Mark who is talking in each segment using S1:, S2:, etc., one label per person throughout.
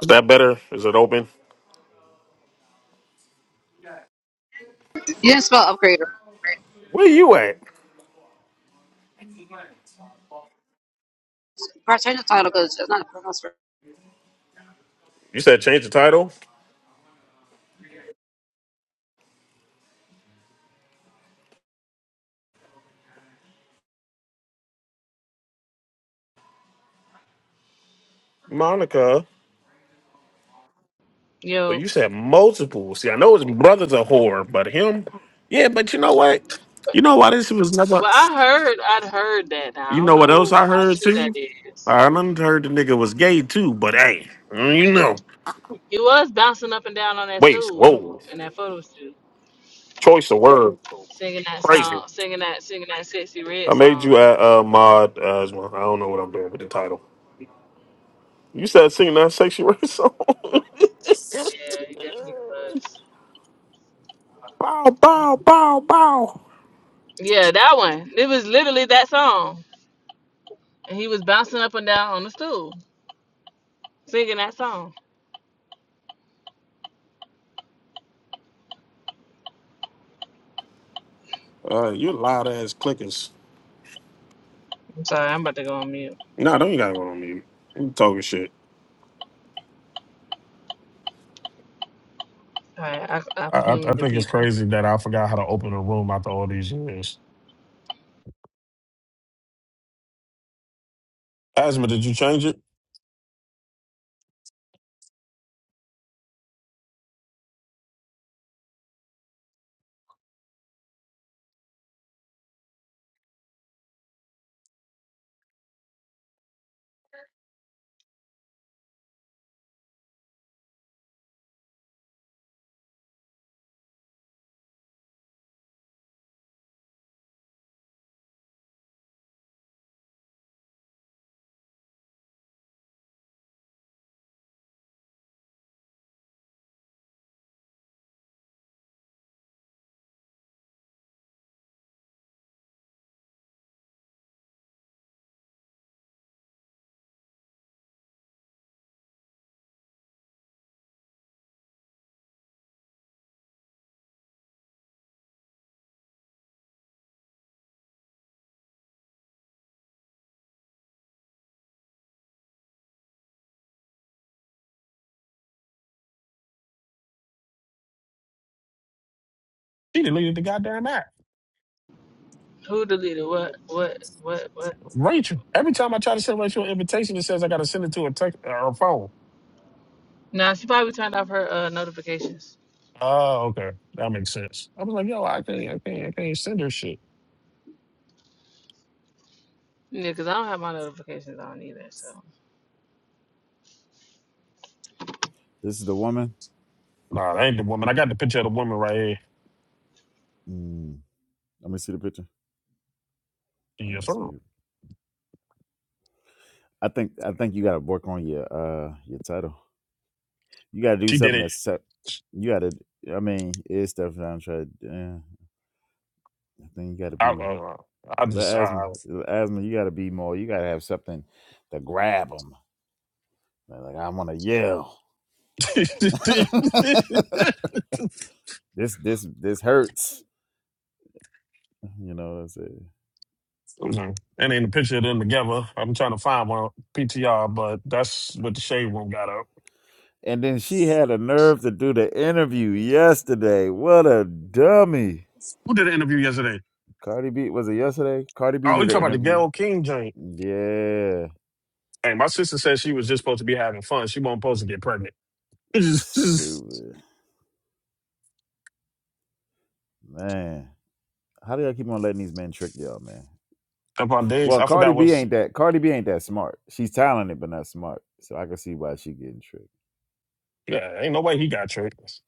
S1: Is that better? Is it open?
S2: You didn't spell upgrade.
S1: Where you at?
S2: Bro, change the title because it's not pronounced right.
S1: You said change the title, Monica. So
S3: Yo,
S1: you said multiple. See, I know his brother's a whore, but him, yeah. But you know what? You know why this was never.
S3: well, I heard, I'd heard that. I
S1: You
S3: don't
S1: know what else
S3: know
S1: I
S3: how
S1: heard
S3: true that
S1: too?
S3: is.
S1: I done heard the nigga was gay too. But hey, mm, you know.
S3: He was bouncing up and down on that
S1: Wait,
S3: stool
S1: whoa.
S3: in that photo shoot,
S1: Choice of word,
S3: singing that
S1: crazy.
S3: song, singing that, singing that sexy red
S1: I made
S3: song.
S1: you a uh, mod. Uh, as well. I don't know what I'm doing with the title. You said singing that sexy red song.
S3: Yeah, he definitely was.
S1: bow, bow, bow, bow.
S3: Yeah, that one. It was literally that song, and he was bouncing up and down on the stool, singing that song.
S1: Uh, you loud ass clickers.
S3: I'm sorry, I'm about to go on mute.
S1: Nah, don't you gotta go on mute. You talking shit.
S3: All right, I, I
S1: I, I I
S3: pinged the
S1: think it's
S3: people.
S1: crazy that I forgot how to open a room after all these years. Asma, did you change it? She deleted the goddamn app.
S3: Who deleted what? What? What? What?
S1: Rachel. Every time I try to send Rachel an invitation, it says I gotta send it to a text or a phone.
S3: Nah, she probably turned off her uh, notifications.
S1: Oh, okay. That makes sense. I was like, yo, I can't I can't I can't send her shit.
S3: Yeah, because I don't have my notifications on either, so.
S4: This is the woman.
S1: Nah, that ain't the woman. I got the picture of the woman right here.
S4: Mm, let me see the picture. I want
S1: Yes,
S4: to see
S1: sir.
S4: you. I think I think you got to work on your uh your title. You got to do
S1: She did
S4: something
S1: it.
S4: that's set. You got to. I mean, it's definitely I'm trying. to- Yeah, I think you got to
S1: I
S4: be
S1: uh, I
S4: the
S1: just
S4: asthma.
S1: I,
S4: The asthma. You got to be more. You got to have something to grab them. Like like, I want to yell. this this this hurts. You know what I'm saying.
S1: Mhm. And ain't a picture of them together. I'm trying to find one PTR, but that's what the shade room got up.
S4: And then she had a nerve to do the interview yesterday. What a dummy.
S1: Who did an interview yesterday?
S4: Cardi B was it yesterday? Cardi B
S1: Oh, you
S4: did an
S1: talking about the
S4: interview.
S1: Gail King joint?
S4: Yeah,
S1: Hey, my sister said she was just supposed to be having fun. She wasn't supposed to get pregnant.
S4: stupid man. How do y'all keep on letting these men trick y'all, man?
S1: Up on days,
S4: Well,
S1: I
S4: Cardi
S1: forgot
S4: B
S1: what's.
S4: ain't that. Cardi B ain't that smart. She's talented, but not smart. So I can see why she getting tricked.
S1: Yeah, ain't no way he got tricked.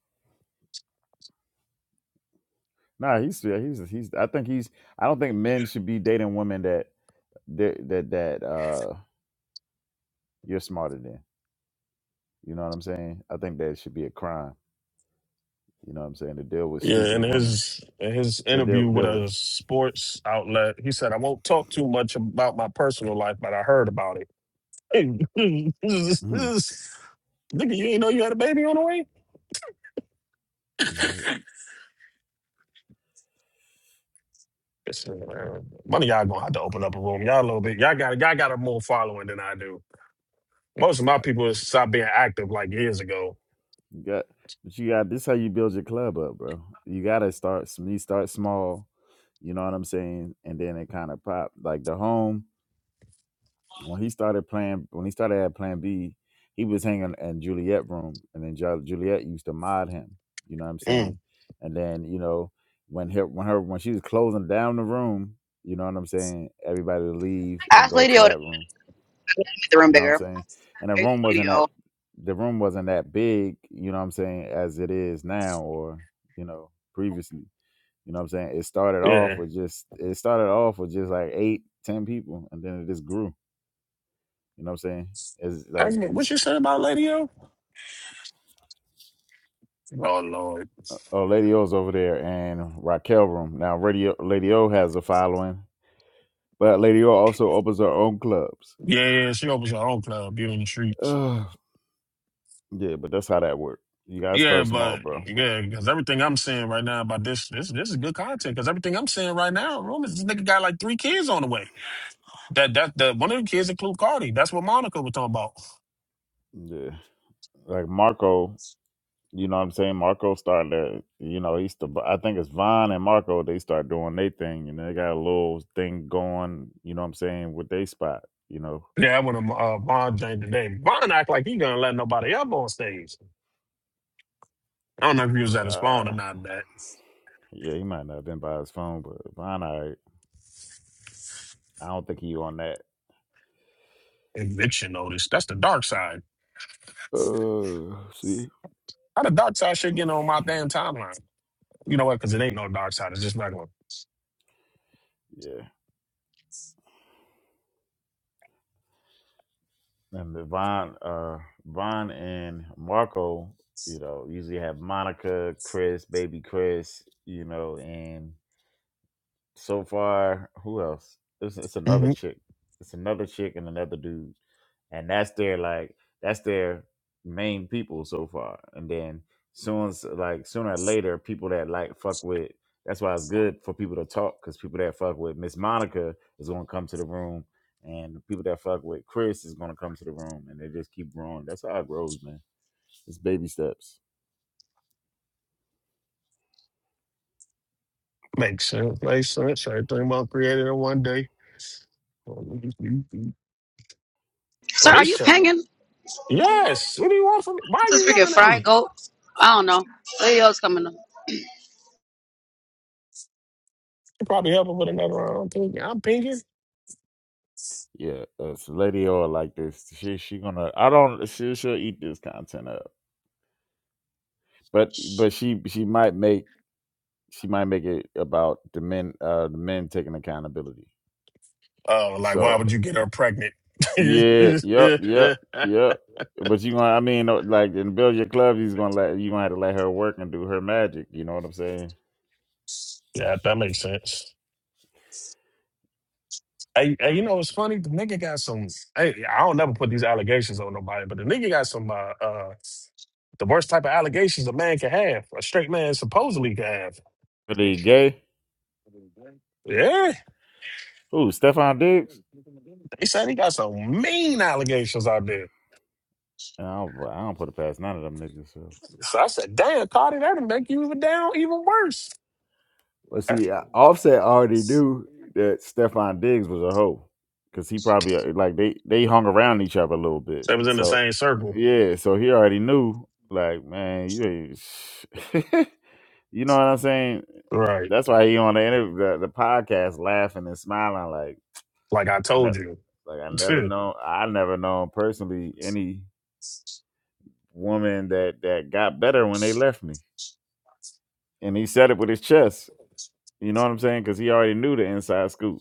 S4: Nah, he's yeah, he's he's. I think he's. I don't think men should be dating women that that that that uh you're smarter than. You know what I'm saying? I think that should be a crime. You know what I'm saying? To deal with
S1: Yeah, in
S4: stupid women.
S1: his in his
S4: To
S1: interview
S4: deal
S1: with
S4: deal with.
S1: a sports outlet, he said, "I won't talk too much about my personal life, but I heard about it." Hey,
S4: Mhm.
S1: Nigga, you ain't know you had a baby on the way?
S4: Go ahead.
S1: Yes, man. One of y'all gonna have to open up a room. Y'all a little bit. Y'all got y'all got a more following than I do. Most of my people stopped being active like years ago.
S4: You got, but you got this. How you build your club up, bro? You gotta start. s- You start small. You know what I'm saying? And then it kind of popped. Like the home when he started playing. When he started at Plan B, he was hanging in Juliet room, and then Ju- Juliet used to mod him. You know what I'm
S1: Mm.
S4: saying? And then you know when her when her when she was closing down the room, you know what I'm saying? Everybody would leave and
S2: Ask
S4: go
S2: Lady
S4: to
S2: O to
S4: that room
S2: make the room
S4: you know what I'm
S2: bigger.
S4: saying? And the
S2: Hey,
S4: room
S2: Lady
S4: wasn't that
S2: O.
S4: the room wasn't that big, you know what I'm saying, as it is now or, you know, previously. You know what I'm saying? It started
S1: Yeah.
S4: off with just it started off with just like eight, ten people and then it just grew. You know what I'm saying? It's
S1: I
S4: like
S1: mean, what you
S4: it's
S1: said about Lady O? Oh Lord.
S4: uh, oh Lady O's over there and Raquel room. Now Radio Lady O has a following, but Lady O also opens her own clubs.
S1: Yeah, yeah. she opens her own club, you in the streets.
S4: Ugh. yeah, but that's how that works. You gotta
S1: Yeah,
S4: start small,
S1: but
S4: bro.
S1: yeah, because everything I'm seeing right now about this, this, this is good content. Because everything I'm seeing right now, rumors this nigga got like three kids on the way. That that that one of the kids include Cardi. That's what Monica was talking about.
S4: Yeah. Like Marco, You know what I'm saying? Marco started, to- you know, he used to, I think it's Vaughn and Marco, they start doing their thing and they got a little thing going, you know what I'm saying, with their spot, you know.
S1: Yeah, I went to uh, Vaughn Jane today. Vaughn act like he gonna let nobody up on stage. I don't know if he was at his phone or
S4: Uh,
S1: not. That
S4: yeah, he might not have been by his phone, but Vaughn, I, I don't think he on that.
S1: eviction notice. That's the dark side.
S4: Uh, see?
S1: How the dark side should get on my damn timeline? You know what? Because it ain't no dark side. It's just not going.
S4: Yeah. And the Vaughn, uh, Vaughn and Marco, you know, usually have Monica, Chris, baby Chris, you know, and. so far, who else? It's, it's another
S1: Mm-hmm.
S4: chick. It's another chick and another dude, and that's their like that's their main people so far. And then soon, as- like sooner or later, people that like fuck with. That's why it's good for people to talk because people that fuck with Miss Monica is going to come to the room, and the people that fuck with Chris is going to come to the room, and they just keep growing. That's how it grows, man. It's baby steps.
S1: Makes sense. Makes sense. Everything was created in one day.
S2: Sir,
S1: But
S2: are
S1: it's
S2: you
S1: terrible.
S2: pinging?
S1: Yes. What do you want from me? Why are you
S2: This freaking
S1: yelling at
S2: fried
S1: me?
S2: goat. I don't know. Lady O's coming up.
S1: You probably help him with another round. I'm thinking. I'm pinking.
S4: Yeah, uh, so Lady O like this. She she gonna. I don't. She she'll eat this content up. but but she she might make she might make it about the men uh the men taking accountability
S1: Oh, like why
S4: so
S1: would you get her pregnant? yeah,
S4: yeah yep yep yep but you gonna i mean uh, like in build your club he's gonna let you gonna have to let her work and do her magic you know what i'm saying
S1: that makes sense. Hey, hey, you know it's funny? The nigga got some. Hey, I don't never put these allegations on nobody, but the nigga got some. Uh, uh, the worst type of allegations a man can have, a straight man supposedly can have.
S4: But the gay
S1: Yeah,
S4: who stefan diggs
S1: they said he got some mean allegations out there.
S4: And i don't i don't put it past none of them niggas So.
S1: So I said, "Damn, Cardi, that'll make you even down even worse."
S4: But see, uh, Offset already knew that Stefon Diggs was a hoe because he probably uh, like they they hung around each other a little bit.
S1: They was in the
S4: So
S1: same circle,
S4: yeah, so he already knew like man, you ain't, sh- you know what I'm saying.
S1: right?
S4: That's why he on the interview, the, the podcast laughing and smiling like
S1: Like I
S4: I
S1: told you,
S4: ne- like I never
S1: it
S4: know I never known personally any woman that that got better when they left me. And he said it with his chest. You know what I'm saying? Because he already knew the inside scoop.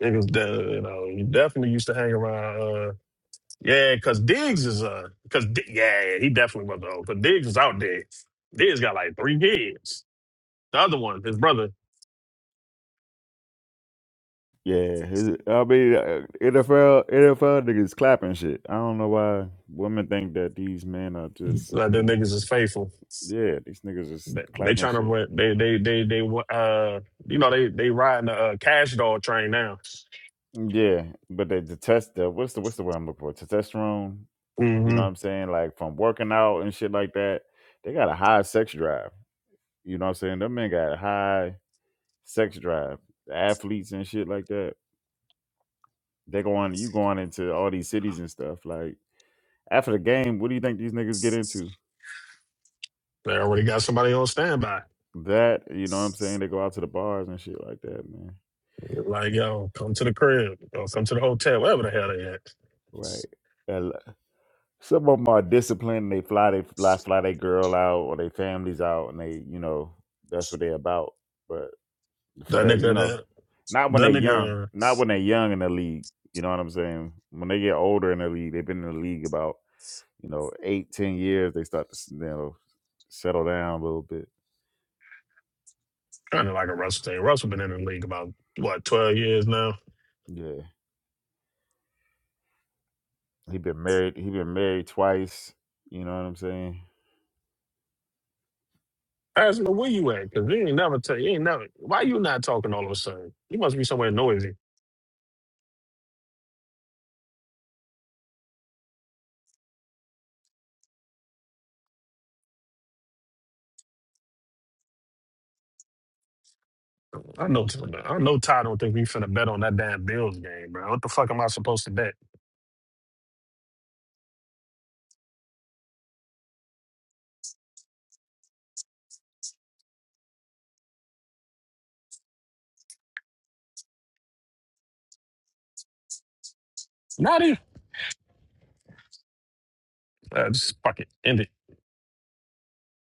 S1: was. the- You know, you definitely used to hang around. uh, Yeah, because Diggs is a because yeah, yeah, he definitely was old. Because Diggs was out there. Diggs got like three kids. The other one, his brother,
S4: Yeah, it- I mean uh, NFL NFL niggas clapping shit. I don't know why women think that these men are just
S1: like
S4: you
S1: them
S4: know,
S1: niggas is faithful.
S4: yeah, these niggas just
S1: They, they
S4: clapping
S1: trying to
S4: shit.
S1: rent. They they they they uh you know they they riding the uh, cash dog train now.
S4: Yeah, but they detest the what's the what's the word I'm looking for? Testosterone. You
S1: hmm
S4: know what I'm saying? Like from working out and shit like that, they got a high sex drive. You know what I'm saying? Them men got a high sex drive. The athletes and shit like that. They go on, you going into all these cities and stuff. Like after the game, what do you think these niggas get into?
S1: They already got somebody on standby.
S4: That you know what I'm saying? They go out to the bars and shit like that, man.
S1: Like yo, come to the crib or come to the hotel, wherever the hell they at.
S4: Right. And l- Some of them are disciplined. They fly, they fly, fly their girl out or their families out, and they, you know, that's what they about. But for
S1: That
S4: the, you
S1: nigga
S4: know,
S1: that
S4: not when
S1: that
S4: they're young,
S1: nigga
S4: not when they're young in the league. You know what I'm saying? When they get older in the league, they've been in the league about you know eight, ten years. They start to you know settle down a little bit.
S1: kind of like a Russell. Thing. Russell been in the league about what twelve years now
S4: Yeah. He been married. He been married twice. You know what I'm saying?
S1: Ask me where you at, cause you ain't never tell you ain't never. Why you not talking all of a sudden? You must be somewhere noisy. I know. I know. Ty don't think we finna bet on that damn Bills game, bro. What the fuck am I supposed to bet? Not it. Uh, just fuck it. End it.